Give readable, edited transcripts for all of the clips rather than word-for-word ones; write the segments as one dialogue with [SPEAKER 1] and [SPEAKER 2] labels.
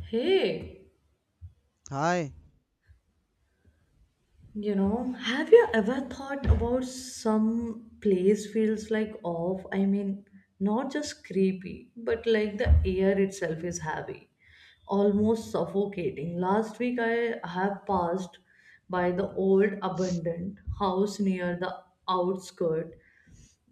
[SPEAKER 1] Hey,
[SPEAKER 2] Hi.
[SPEAKER 1] you know, have you ever thought about some place feels like off? I mean, not just creepy, but like the air itself is heavy, almost suffocating. Last week I have passed by the old abandoned house near the outskirt.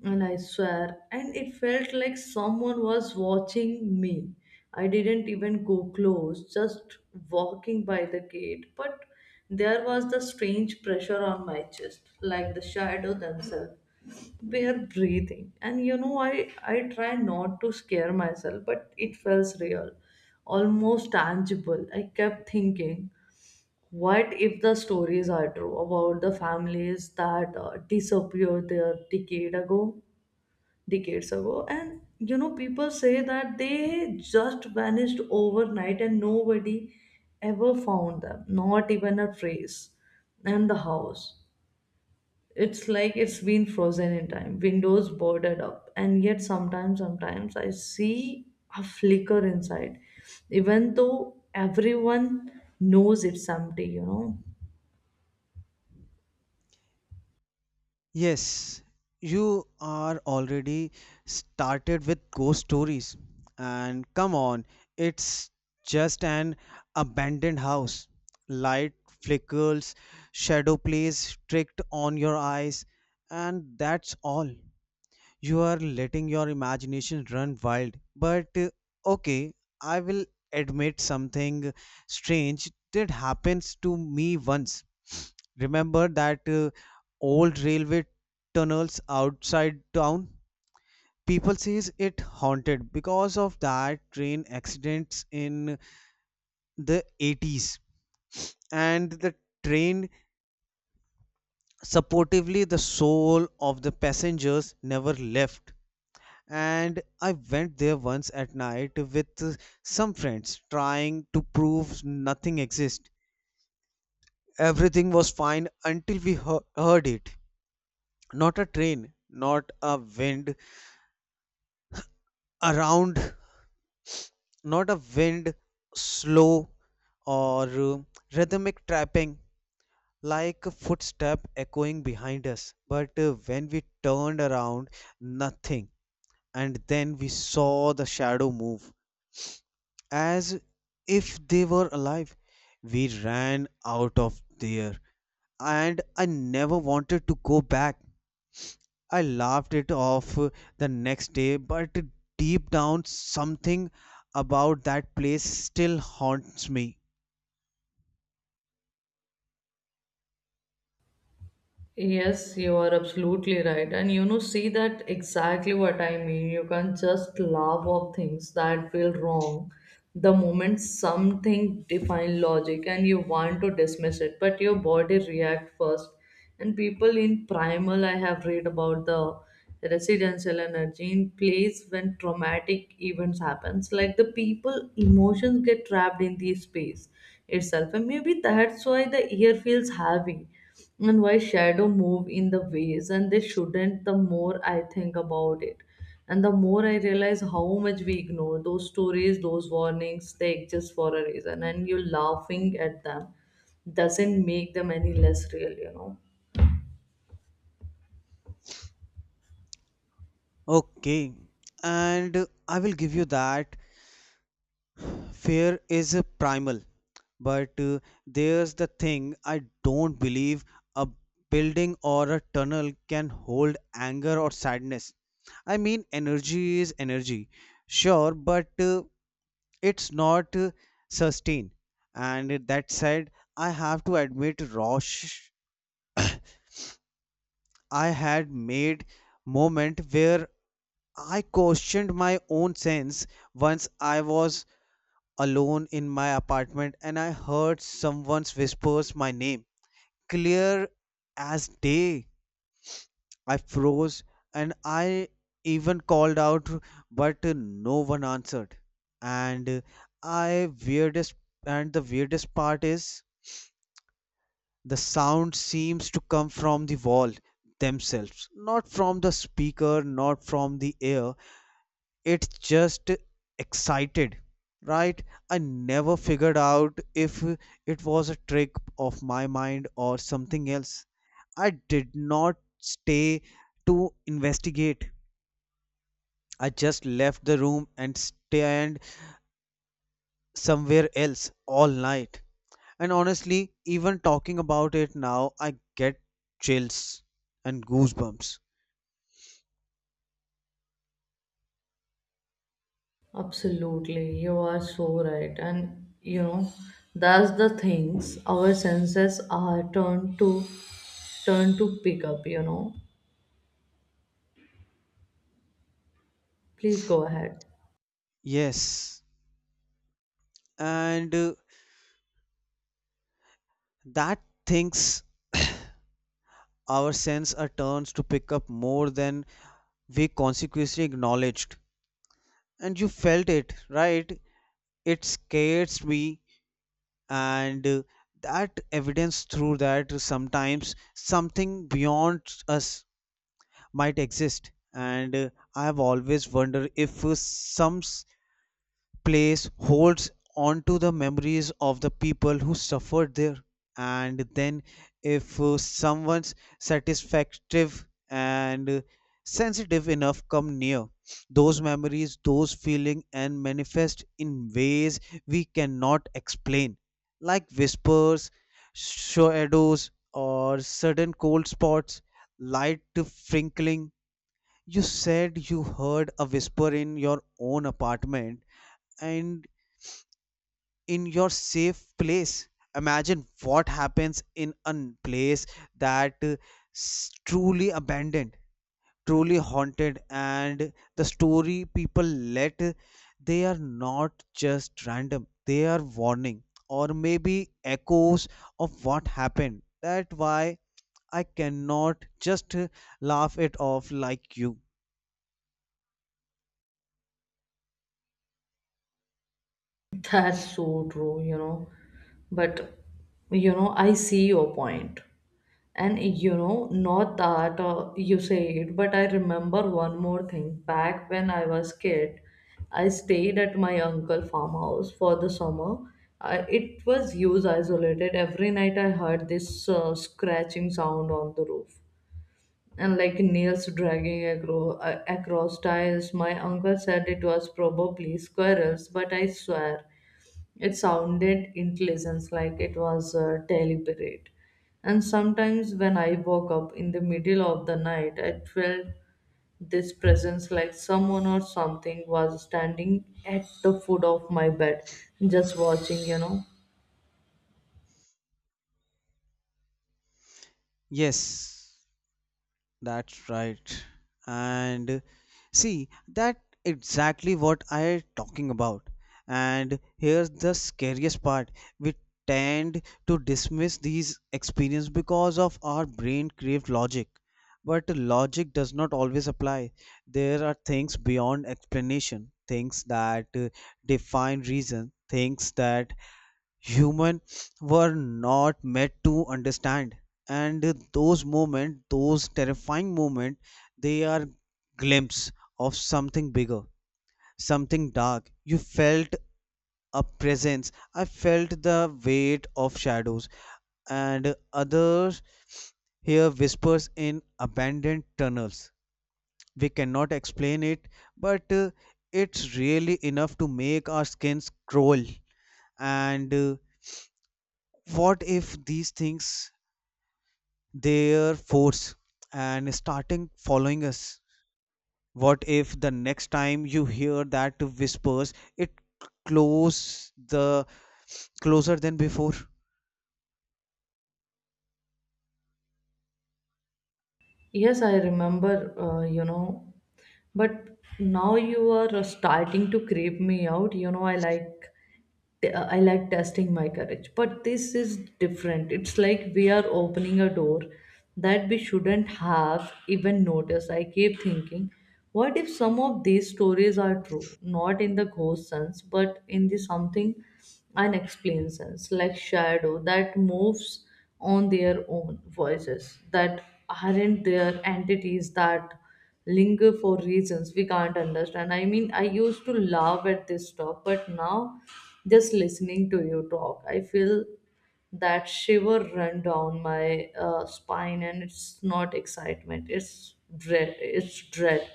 [SPEAKER 1] And I swear, and it felt like someone was watching me. I didn't even go close, just walking by the gate. But there was the strange pressure on my chest, like the shadow themselves. They are breathing. And you know, I try not to scare myself, but it felt real, almost tangible. I kept thinking, what if the stories are true about the families that disappeared there decade ago? Decades ago, and you know, people say that they just vanished overnight and nobody ever found them, not even a trace. And the house, it's like it's been frozen in time, windows boarded up, and yet sometimes I see a flicker inside, even though everyone knows it's empty,
[SPEAKER 2] Yes, you are already started with ghost stories. And come on, it's just an abandoned house. Light flickers, shadow plays tricked on your eyes, and that's all. You are letting your imagination run wild. But okay, I will admit something strange did happens to me once. Remember that old railway tunnels outside town? People says it haunted because of that train accidents in the 80s and the train supportively the soul of the passengers never left, and I went there once at night with some friends trying to prove nothing exists. Everything was fine until heard it. Not a train, not a wind around, not a wind slow or rhythmic trapping like a footstep echoing behind us. But when we turned around, nothing. And then we saw the shadow move as if they were alive. We ran out of there, and I never wanted to go back. I laughed it off the next day, but deep down, something about that place still haunts me.
[SPEAKER 1] Yes, you are absolutely right. And you know, see that exactly what I mean. You can't just laugh off things that feel wrong. The moment something define logic and you want to dismiss it, but your body react first. And people in primal, I have read about the residential energy in place when traumatic events happens, like the people emotions get trapped in the space itself. And maybe that's why the air feels heavy and why shadow move in the ways and they shouldn't. The more I think about it and the more I realize how much we ignore those stories, those warnings, they exist for a reason, and you laughing at them doesn't make them any less real,
[SPEAKER 2] Okay, and I will give you that. Fear is primal, but there's the thing. I don't believe a building or a tunnel can hold anger or sadness. I mean, energy is energy, sure, but it's not sustained. And that said, I have to admit, Rosh, I had made moment where I questioned my own sense. Once I was alone in my apartment and I heard someone's whispers my name. Clear as day, I froze and I even called out, but no one answered. And I weirdest and the weirdest part is the sound seems to come from the wall themselves, not from the speaker, not from the air. It's just excited, right? I never figured out if it was a trick of my mind or something else. I did not stay to investigate. I just left the room and stayed somewhere else all night. And honestly, even talking about it now, I get chills and goosebumps.
[SPEAKER 1] Absolutely, you are so right. And you know, that's the things our senses are turn to pick up, Please go ahead.
[SPEAKER 2] Yes. And that things our sense are turns to pick up more than we consciously acknowledged. And you felt it, right? It scares me, and that evidence through that sometimes something beyond us might exist. And I have always wondered if some place holds on to the memories of the people who suffered there. And then if someone's satisfactive and sensitive enough come near, those memories, those feeling, and manifest in ways we cannot explain, like whispers, shadows, or sudden cold spots, light frinkling. You said you heard a whisper in your own apartment, and in your safe place, imagine what happens in a place that truly abandoned, truly haunted. And the story people let they are not just random, they are warning, or maybe echoes of what happened. That's why I cannot just laugh it off like you.
[SPEAKER 1] That's so true, you know. But you know, I see your point. And you know, not that you say it, but I remember one more thing. Back when I was kid, I stayed at my uncle farmhouse for the summer. I, it was used isolated. Every night I heard this scratching sound on the roof and like nails dragging across tiles. My uncle said it was probably squirrels, but I swear it sounded intelligence, like it was deliberate. And sometimes when I woke up in the middle of the night, I felt this presence, like someone or something was standing at the foot of my bed, just watching, you know.
[SPEAKER 2] Yes. That's right. And see, that exactly what I talking about. And here's the scariest part. We tend to dismiss these experiences because of our brain craved logic. But logic does not always apply. There are things beyond explanation, things that define reason, things that human were not made to understand. And those moments, those terrifying moments, they are glimpse of something bigger, something dark. You felt a presence, I felt the weight of shadows, and others hear whispers in abandoned tunnels. We cannot explain it, but it's really enough to make our skins crawl. And what if these things, their force, and starting following us? What if the next time you hear that whispers, it close the closer than before?
[SPEAKER 1] Yes, I remember, you know, but now you are starting to creep me out. You know, I like testing my courage. But this is different. It's like we are opening a door that we shouldn't have even noticed. I keep thinking, what if some of these stories are true? Not in the ghost sense, but in the something unexplained sense, like shadow that moves on their own, voices that aren't their entities that linger for reasons we can't understand. I mean, I used to laugh at this talk, but now just listening to you talk, I feel that shiver run down my spine, and it's not excitement, it's dread, it's dread,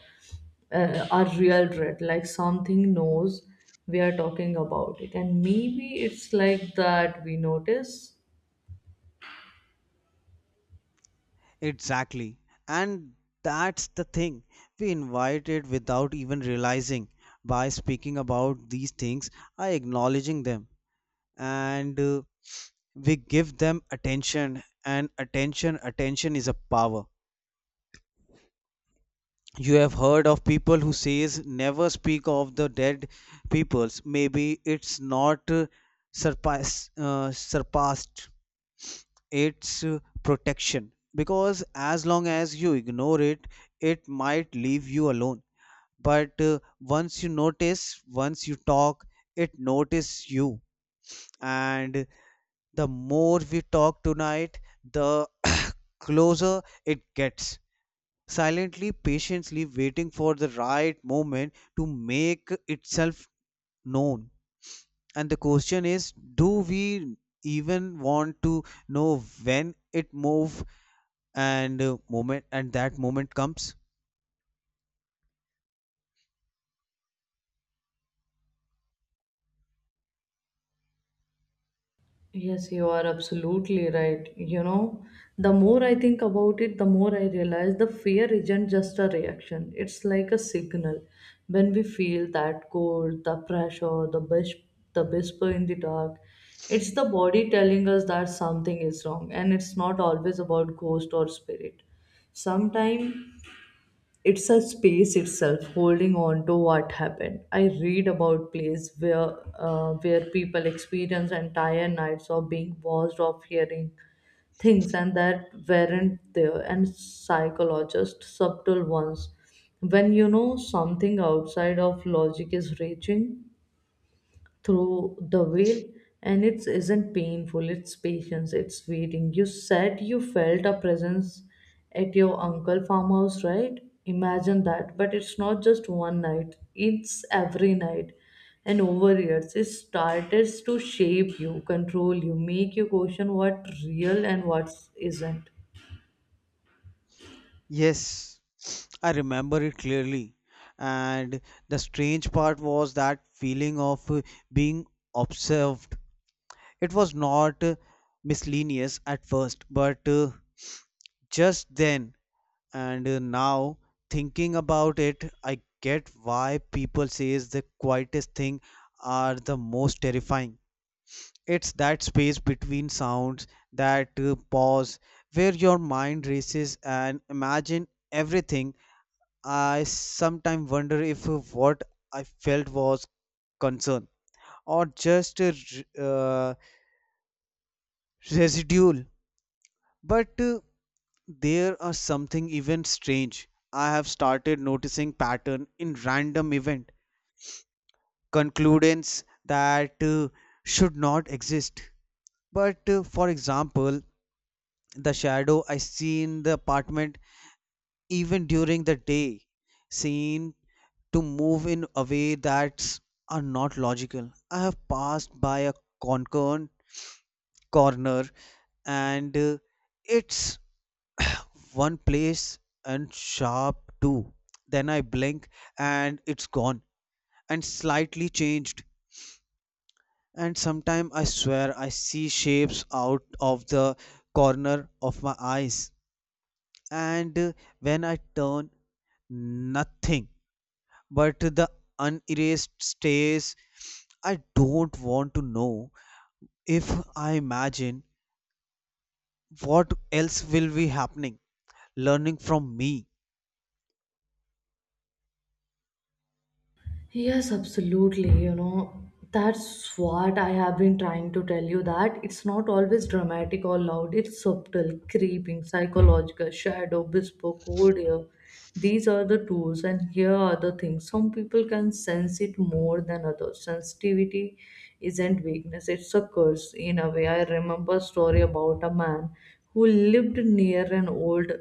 [SPEAKER 1] uh, a real dread, like something knows we are talking about it, and maybe it's like that we notice.
[SPEAKER 2] Exactly. And that's the thing. We invite it without even realizing. By speaking about these things, I acknowledging them, and we give them attention. And attention is a power. You have heard of people who says never speak of the dead peoples. Maybe it's not surpassed its protection, because as long as you ignore it, it might leave you alone. But once you notice, once you talk, it notice you. And the more we talk tonight, the closer it gets, silently, patiently waiting for the right moment to make itself known. And the question is, do we even want to know when it move and moment and that moment comes?
[SPEAKER 1] Yes, you are absolutely right. You know, the more I think about it, the more I realize the fear isn't just a reaction, it's like a signal. When we feel that cold, the pressure, the the whisper in the dark, it's the body telling us that something is wrong, and it's not always about ghost or spirit. Sometimes it's a space itself holding on to what happened. I read about places where people experience entire nights of being washed off, hearing things and that weren't there, and psychologists subtle ones when you know something outside of logic is raging through the veil. And it isn't painful, it's patience, it's waiting. You said you felt a presence at your uncle farmhouse, right? Imagine that, but it's not just one night, it's every night, and over years it started to shape you, control you, make you question what real and what isn't.
[SPEAKER 2] Yes, I remember it clearly. And the strange part was that feeling of being observed. It was not miscellaneous at first, but just then, and now thinking about it, I get why people says the quietest thing are the most terrifying. It's that space between sounds, that pause where your mind races and imagine everything. I sometimes wonder if what I felt was concern or just a residual But there are something even strange. I have started noticing pattern in random event, conclusions that should not exist. But for example, the shadow I see in the apartment, even during the day, seem to move in a way that are not logical. I have passed by a concern corner, and it's one place and sharp too. Then I blink and it's gone and slightly changed. And sometime I swear I see shapes out of the corner of my eyes. And when I turn, nothing but the unerased stays. I don't want to know if I imagine what else will be happening. Learning from me,
[SPEAKER 1] Yes, absolutely. You know, that's what I have been trying to tell you, that it's not always dramatic or loud. It's subtle, creeping, psychological, shadow, whisper, cold air. These are the tools, and here are the things. Some people can sense it more than others. Sensitivity isn't weakness, it's a curse. In a way, I remember a story about a man who lived near an old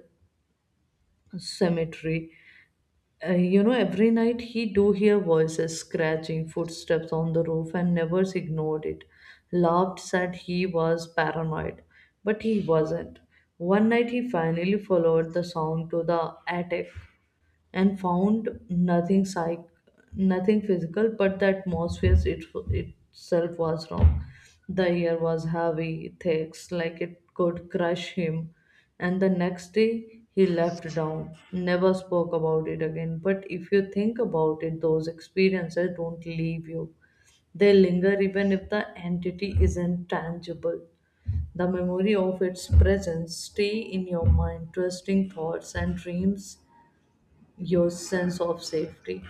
[SPEAKER 1] cemetery. You know, every night he do hear voices, scratching, footsteps on the roof, and never ignored it. Laughed, said he was paranoid, but he wasn't. One night he finally followed the sound to the attic and found nothing, psych nothing physical, but the atmosphere it, itself was wrong. The air was heavy, thick, like it could crush him. And the next day he left down, never spoke about it again. But if you think about it, those experiences don't leave you, they linger, even if the entity isn't tangible. The memory of its presence stay in your mind, twisting thoughts and dreams, your sense of safety.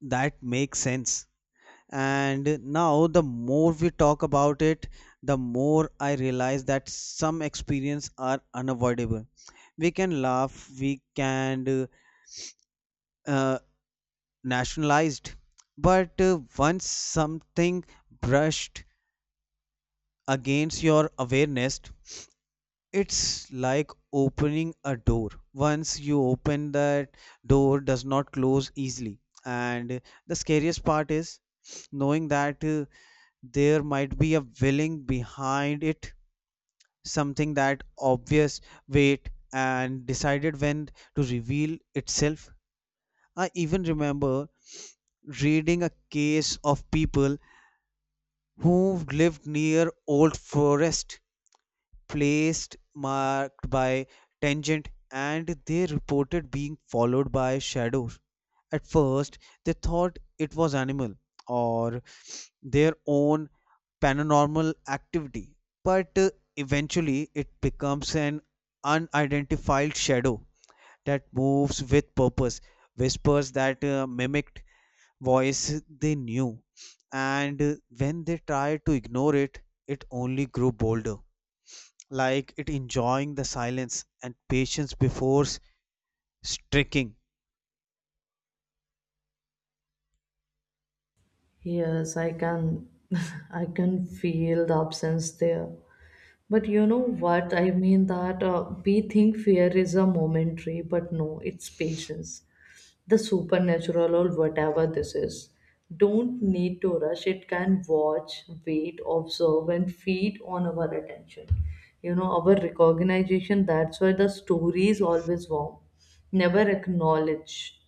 [SPEAKER 2] that makes sense. And now, the more we talk about it, the more I realize that some experiences are unavoidable. We can laugh, we can uh, nationalized, but once something brushed against your awareness, it's like opening a door. Once you open that door, does not close easily. And the scariest part is knowing that. There might be a willing behind it, something that obvious, wait, and decided when to reveal itself. I even remember reading a case of people who lived near old forest, placed marked by tangent, and they reported being followed by shadows. At first, they thought it was animal or their own paranormal activity, but eventually it becomes an unidentified shadow that moves with purpose, whispers that mimicked voice they knew, and when they tried to ignore it, it only grew bolder, like it enjoying the silence and patience before striking.
[SPEAKER 1] Yes, I can I can feel the absence there. But you know what? I mean that we think fear is a momentary, but no, it's patience. The supernatural or whatever this is, don't need to rush. It can watch, wait, observe, and feed on our attention. You know, our recognition, that's why the story is always warm. Never acknowledge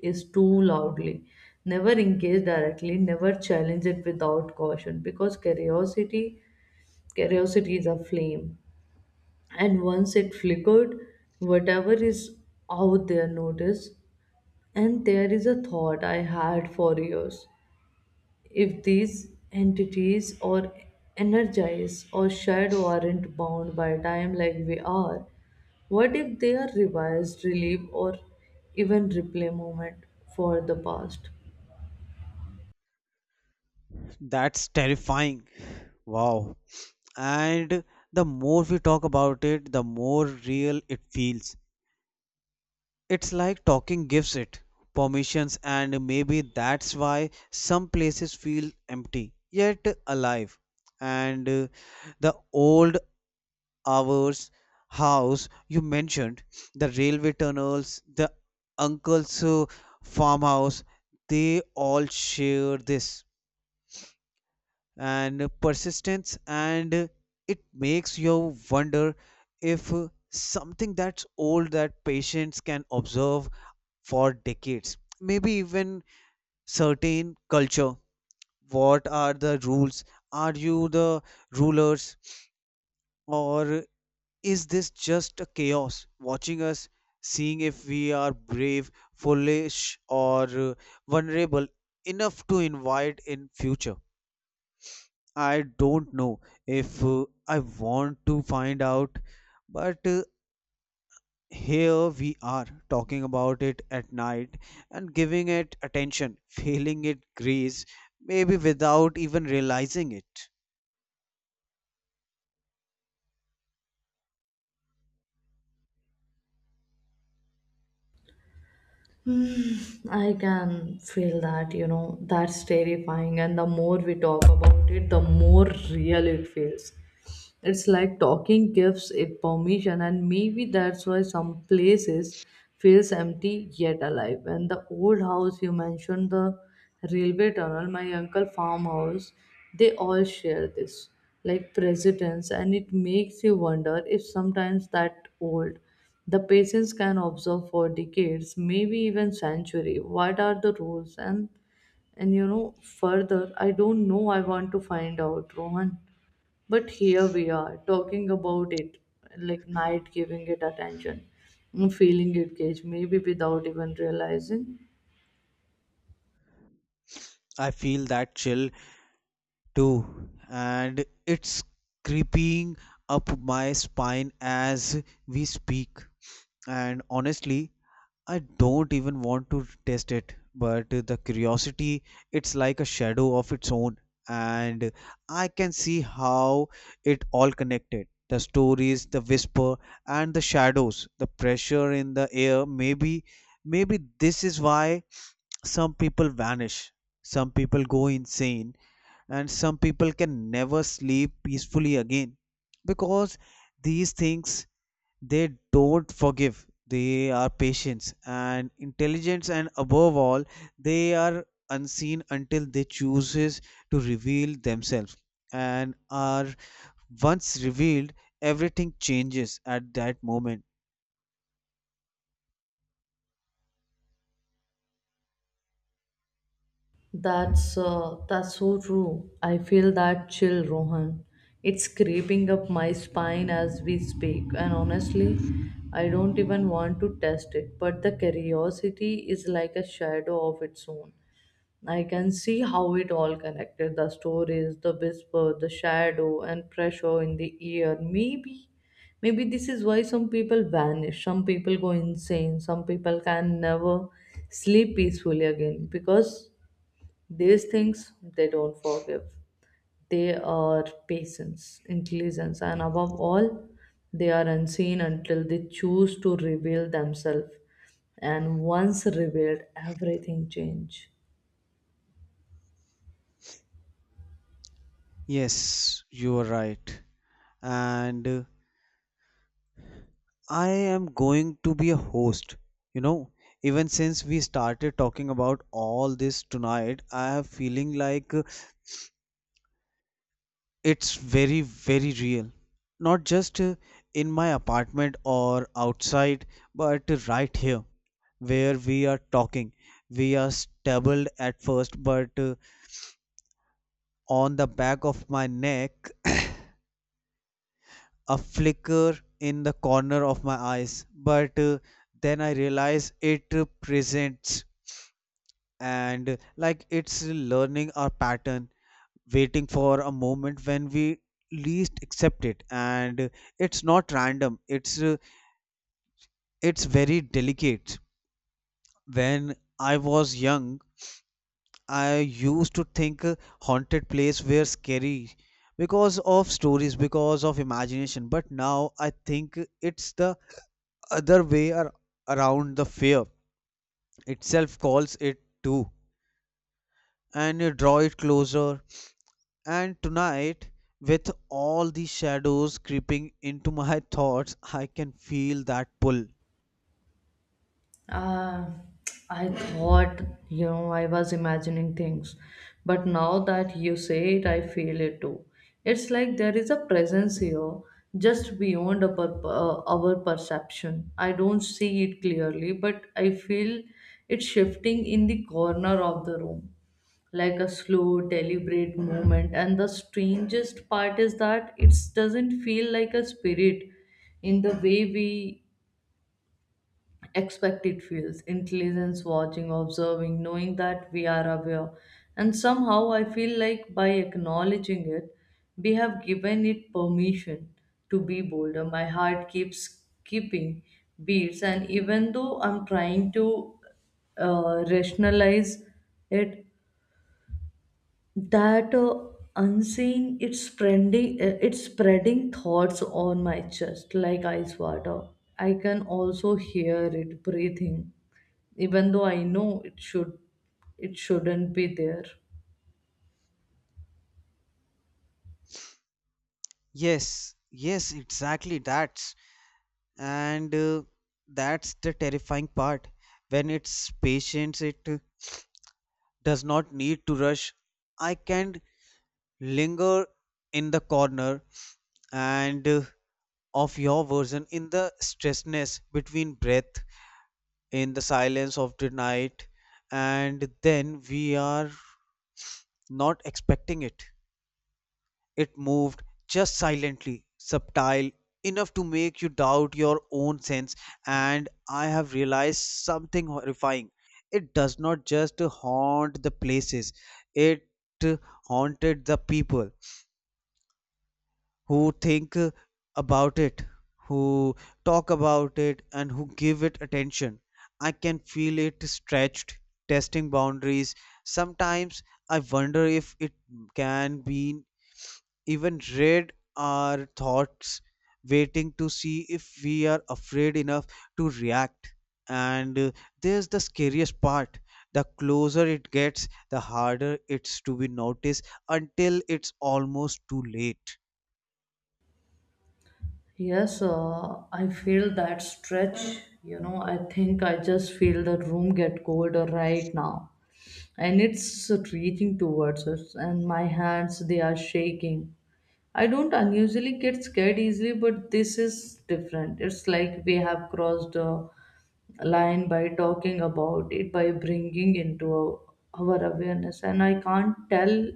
[SPEAKER 1] is too loudly. Never engage directly. Never challenge it without caution. Because curiosity is a flame. And once it flickered, whatever is out there notice. And there is a thought I had for years. If these entities are energized or shadow aren't bound by time like we are, what if they are revised, relive, or even replay moment for the past?
[SPEAKER 2] That's terrifying. Wow. And the more we talk about it, the more real it feels. It's like talking gives it permissions, and maybe that's why some places feel empty yet alive. And the old hours house you mentioned, the railway tunnels, the uncle's farmhouse, they all share this and persistence, and it makes you wonder if something that's old, that patients can observe for decades, maybe even certain culture. What are the rules? Are you the rulers, or is this just a chaos watching us, seeing if we are brave, foolish, or vulnerable enough to invite in future? I don't know if I want to find out, but here we are talking about it at night and giving it attention, feeling it grace, maybe without even realizing it.
[SPEAKER 1] Hmm, I can feel that, you know, that's terrifying. And the more we talk about it, the more real it feels. It's like talking gives it permission, and maybe that's why some places feels empty yet alive. And the old house you mentioned, the railway tunnel, my uncle farmhouse, they all share this, like precedence, and it makes you wonder if sometimes that old, the patients can observe for decades, maybe even century. What are the rules? And you know further? I don't know. I want to find out, Rohan. But here we are talking about it, like night giving it attention, feeling it cage, maybe without even realizing.
[SPEAKER 2] I feel that chill too, and it's creeping up my spine as we speak. And honestly, I don't even want to test it, but the curiosity, it's like a shadow of its own, and I can see how it all connected. The stories, the whisper, and the shadows, the pressure in the air. Maybe, maybe this is why some people vanish, some people go insane, and some people can never sleep peacefully again, because these things, they don't forgive. They are patient and intelligent, and above all, they are unseen until they chooses to reveal themselves. And are once revealed, everything changes at that moment.
[SPEAKER 1] That's so true. I feel that chill, Rohan. It's creeping up my spine as we speak, and honestly, I don't even want to test it. But the curiosity is like a shadow of its own. I can see how it all connected, the stories, the whisper, the shadow, and pressure in the ear. Maybe, maybe this is why some people vanish, some people go insane, some people can never sleep peacefully again, because these things they don't forgive. They are patience, intelligence, and above all, they are unseen until they choose to reveal themselves. And once revealed, everything changes.
[SPEAKER 2] Yes, you are right. And I am going to be a host, you know. Even since we started talking about all this tonight, I have feeling like it's very, very real. Not just in my apartment or outside, but right here where we are talking. We are stumbled at first, but on the back of my neck, a flicker in the corner of my eyes. But then I realize it presents, and like it's learning our pattern, waiting for a moment when we least accept it. And it's not random, it's it's very delicate. When I was young, I used to think haunted place were scary because of stories, because of imagination. But now I think it's the other way ar- around. The fear itself calls it too, and you draw it closer. And tonight, with all the shadows creeping into my thoughts, I can feel that pull.
[SPEAKER 1] Uh, I thought, you know, I was imagining things. But now that you say it, I feel it too. It's like there is a presence here just beyond our, our perception. I don't see it clearly, but I feel it shifting in the corner of the room, like a slow, deliberate movement. And the strangest part is that it doesn't feel like a spirit in the way we expected. Feels intelligence, watching, observing, knowing that we are aware. And somehow I feel like by acknowledging it we have given it permission to be bolder. My heart keeps skipping beats, and even though I'm trying to rationalize it, that unseen, it's spreading thoughts on my chest like ice water. I can also hear it breathing, even though I know it shouldn't be there.
[SPEAKER 2] Yes, yes, exactly that. And That's the terrifying part. When it's patience, it does not need to rush. I can linger in the corner, and of your version in the stressness between breath, in the silence of the night, and then we are not expecting it. It moved just silently, subtle enough to make you doubt your own sense. And I have realized something horrifying. It does not just haunt the places, it haunted the people who think about it, who talk about it, and who give it attention. I can feel it stretched, testing boundaries. Sometimes I wonder if it can be even read our thoughts, waiting to see if we are afraid enough to react. And There's the scariest part. The closer it gets, the harder it's to be noticed until it's almost too late.
[SPEAKER 1] Yes, I feel that stretch. You know, I think I just feel the room get colder right now, and it's reaching towards us, and my hands, they are shaking. I don't unusually get scared easily, but this is different. It's like we have crossed a line by talking about it, by bringing into our awareness, and I can't tell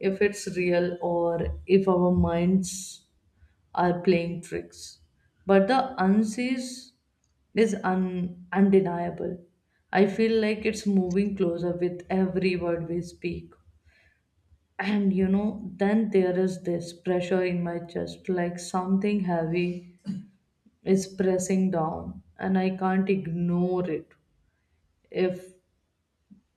[SPEAKER 1] if it's real or if our minds are playing tricks. But the unsees is undeniable. I feel like it's moving closer with every word we speak. And you know, then there is this pressure in my chest, like something heavy is pressing down, and I can't ignore it. If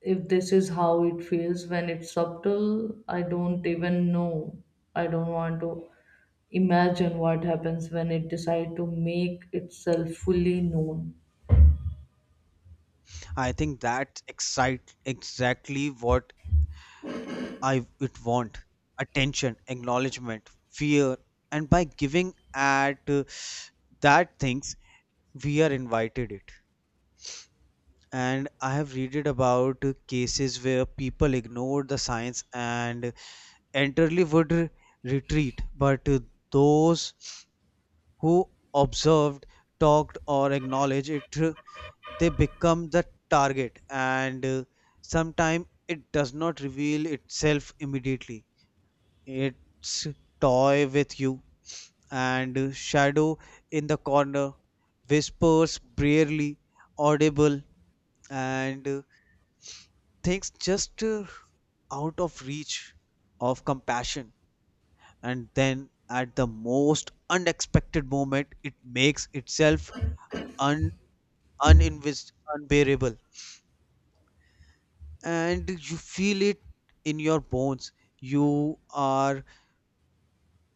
[SPEAKER 1] if this is how it feels when it's subtle, I don't even know. I don't want to imagine what happens when it decides to make itself fully known.
[SPEAKER 2] I think that's excite exactly what I would want. Attention, acknowledgement, fear, and by giving at that things, we are invited it. And I have read about cases where people ignored the science and entirely would retreat, but those who observed, talked, or acknowledged it, they become the target, and sometimes it does not reveal itself immediately. It's toy with you and shadow in the corner, whispers barely audible, and things just out of reach of compassion, and then at the most unexpected moment it makes itself un, unbearable, and you feel it in your bones. You are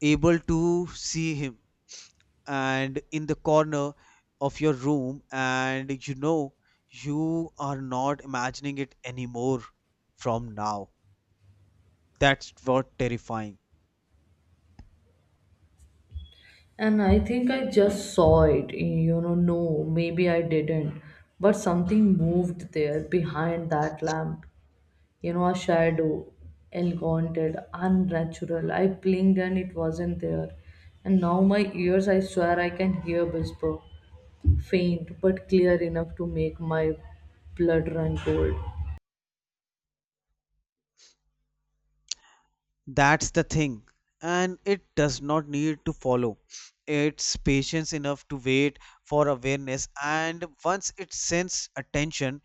[SPEAKER 2] able to see him and in the corner of your room, and you know you are not imagining it anymore. From now, that's what terrifying.
[SPEAKER 1] And I think I just saw it, you know, no, maybe I didn't. But something moved there behind that lamp. You know, a shadow, elongated, unnatural. I blinked and it wasn't there. And now my ears, I swear I can hear whisper, faint but clear enough to make my blood run cold.
[SPEAKER 2] That's the thing. And it does not need to follow. It's patience enough to wait for awareness, and once it sends attention,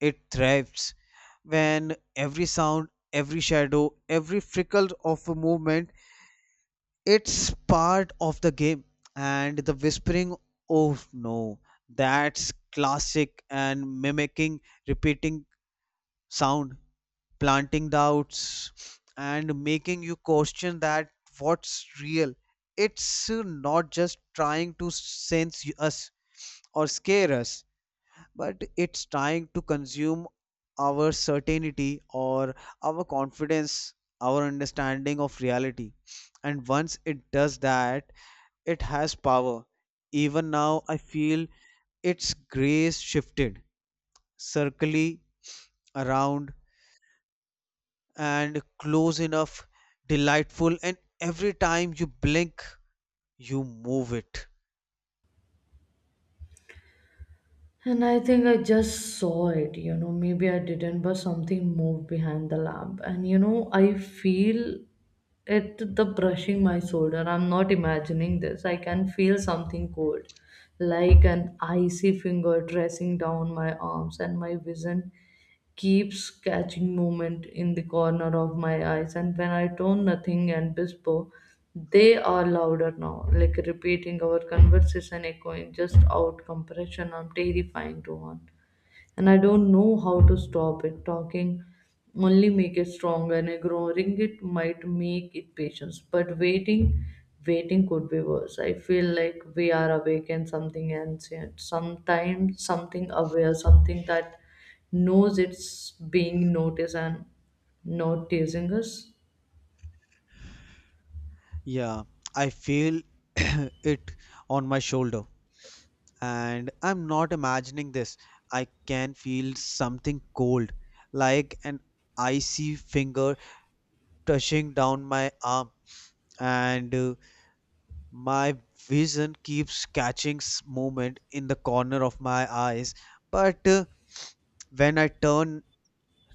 [SPEAKER 2] it thrives. When every sound, every shadow, every frickle of a movement, it's part of the game. And the whispering, oh no, that's classic and mimicking, repeating sound, planting doubts and making you question that what's real. It's not just trying to sense us or scare us, but it's trying to consume our certainty, or our confidence, our understanding of reality, and once it does that, it has power. Even now I feel its grace shifted, circling around and close enough, delightful, and every time you blink, you move it.
[SPEAKER 1] And I think I just saw it, you know, maybe I didn't, but something moved behind the lamp. And, you know, I feel it the brushing my shoulder. I'm not imagining this. I can feel something cold, like an icy finger dressing down my arms, and my vision keeps catching movement in the corner of my eyes, and when I turn, nothing. And whisper, they are louder now, like repeating our conversation, echoing just out compression. I'm terrifying to on, and I don't know how to stop it. Talking only make it stronger, and ignoring it might make it patience. But waiting, waiting could be worse. I feel like we are awake and something ancient. Sometimes something aware, something that knows it's being noticed and noticing us.
[SPEAKER 2] Yeah, I feel it on my shoulder, and I'm not imagining this. I can feel something cold, like an icy finger touching down my arm, and my vision keeps catching movement in the corner of my eyes. But when I turn,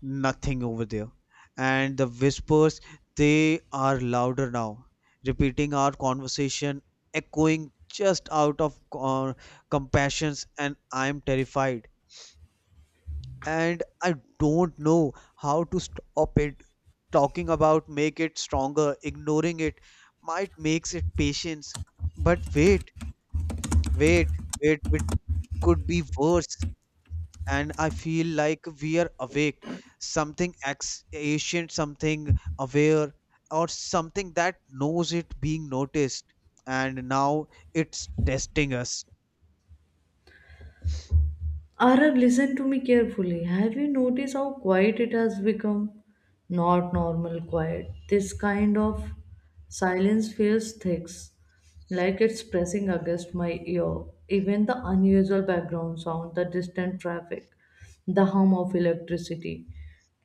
[SPEAKER 2] nothing over there. And the whispers, they are louder now, repeating our conversation, echoing just out of compassions, and I'm terrified. And I don't know how to stop it. Talking about make it stronger, ignoring it might makes it patience. But wait, wait, wait, it could be worse. And I feel like we are awake, something ancient, something aware, or something that knows it being noticed, and now it's testing us.
[SPEAKER 1] Arab, listen to me carefully. Have you noticed how quiet it has become? Not normal quiet. This kind of silence feels thick, like it's pressing against my ear. Even the unusual background sound, the distant traffic, the hum of electricity,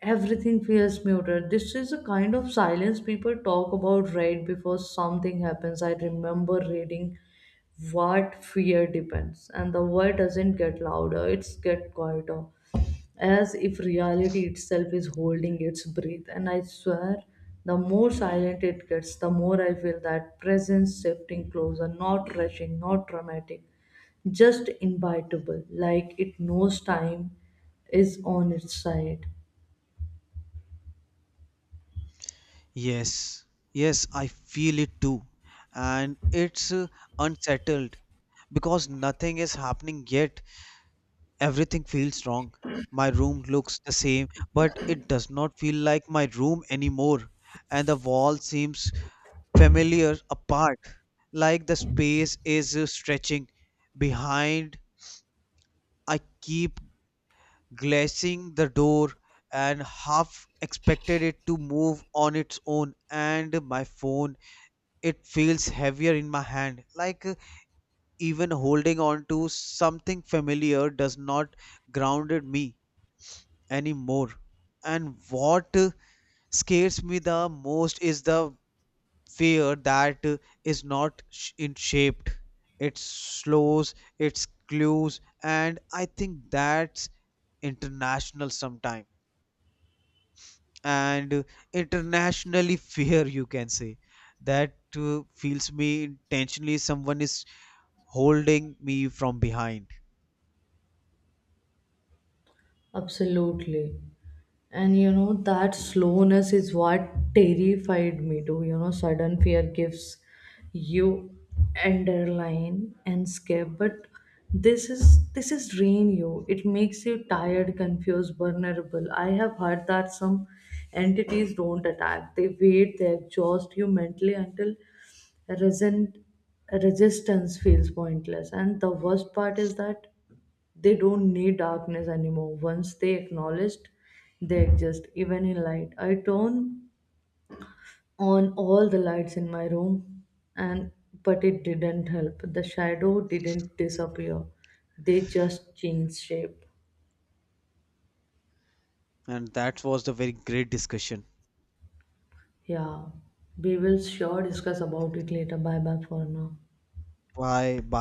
[SPEAKER 1] everything feels muted. This is a kind of silence people talk about right before something happens. I remember reading what fear depends, and the word doesn't get louder, it's get quieter, as if reality itself is holding its breath. And I swear the more silent it gets, the more I feel that presence shifting closer, not rushing, not dramatic, just invitable, like it knows time is on its side.
[SPEAKER 2] Yes, yes, I feel it too, and it's unsettled because nothing is happening yet. Everything feels wrong. My room looks the same, but it does not feel like my room anymore, and the wall seems familiar apart, like the space is stretching behind. I keep glancing the door and half expected it to move on its own, and my phone, it feels heavier in my hand, like even holding on to something familiar does not grounded me anymore. And what scares me the most is the fear that is not in shaped. It slows its clues, and I think that's international sometime, and internationally fear, you can say that feels me intentionally, someone is holding me from behind.
[SPEAKER 1] Absolutely. And you know, that slowness is what terrified me too. You know, sudden fear gives you underline and scare. But this is drain you. It makes you tired, confused, vulnerable. I have heard that some entities don't attack. They wait, they exhaust you mentally until resent resistance feels pointless. And the worst part is that they don't need darkness anymore. Once they acknowledged they exist, even in light. I turned on all the lights in my room, and but it didn't help. The shadow didn't disappear. They just changed shape.
[SPEAKER 2] And that was the very great discussion.
[SPEAKER 1] Yeah. We will sure discuss about it later. Bye bye for now.
[SPEAKER 2] Bye bye.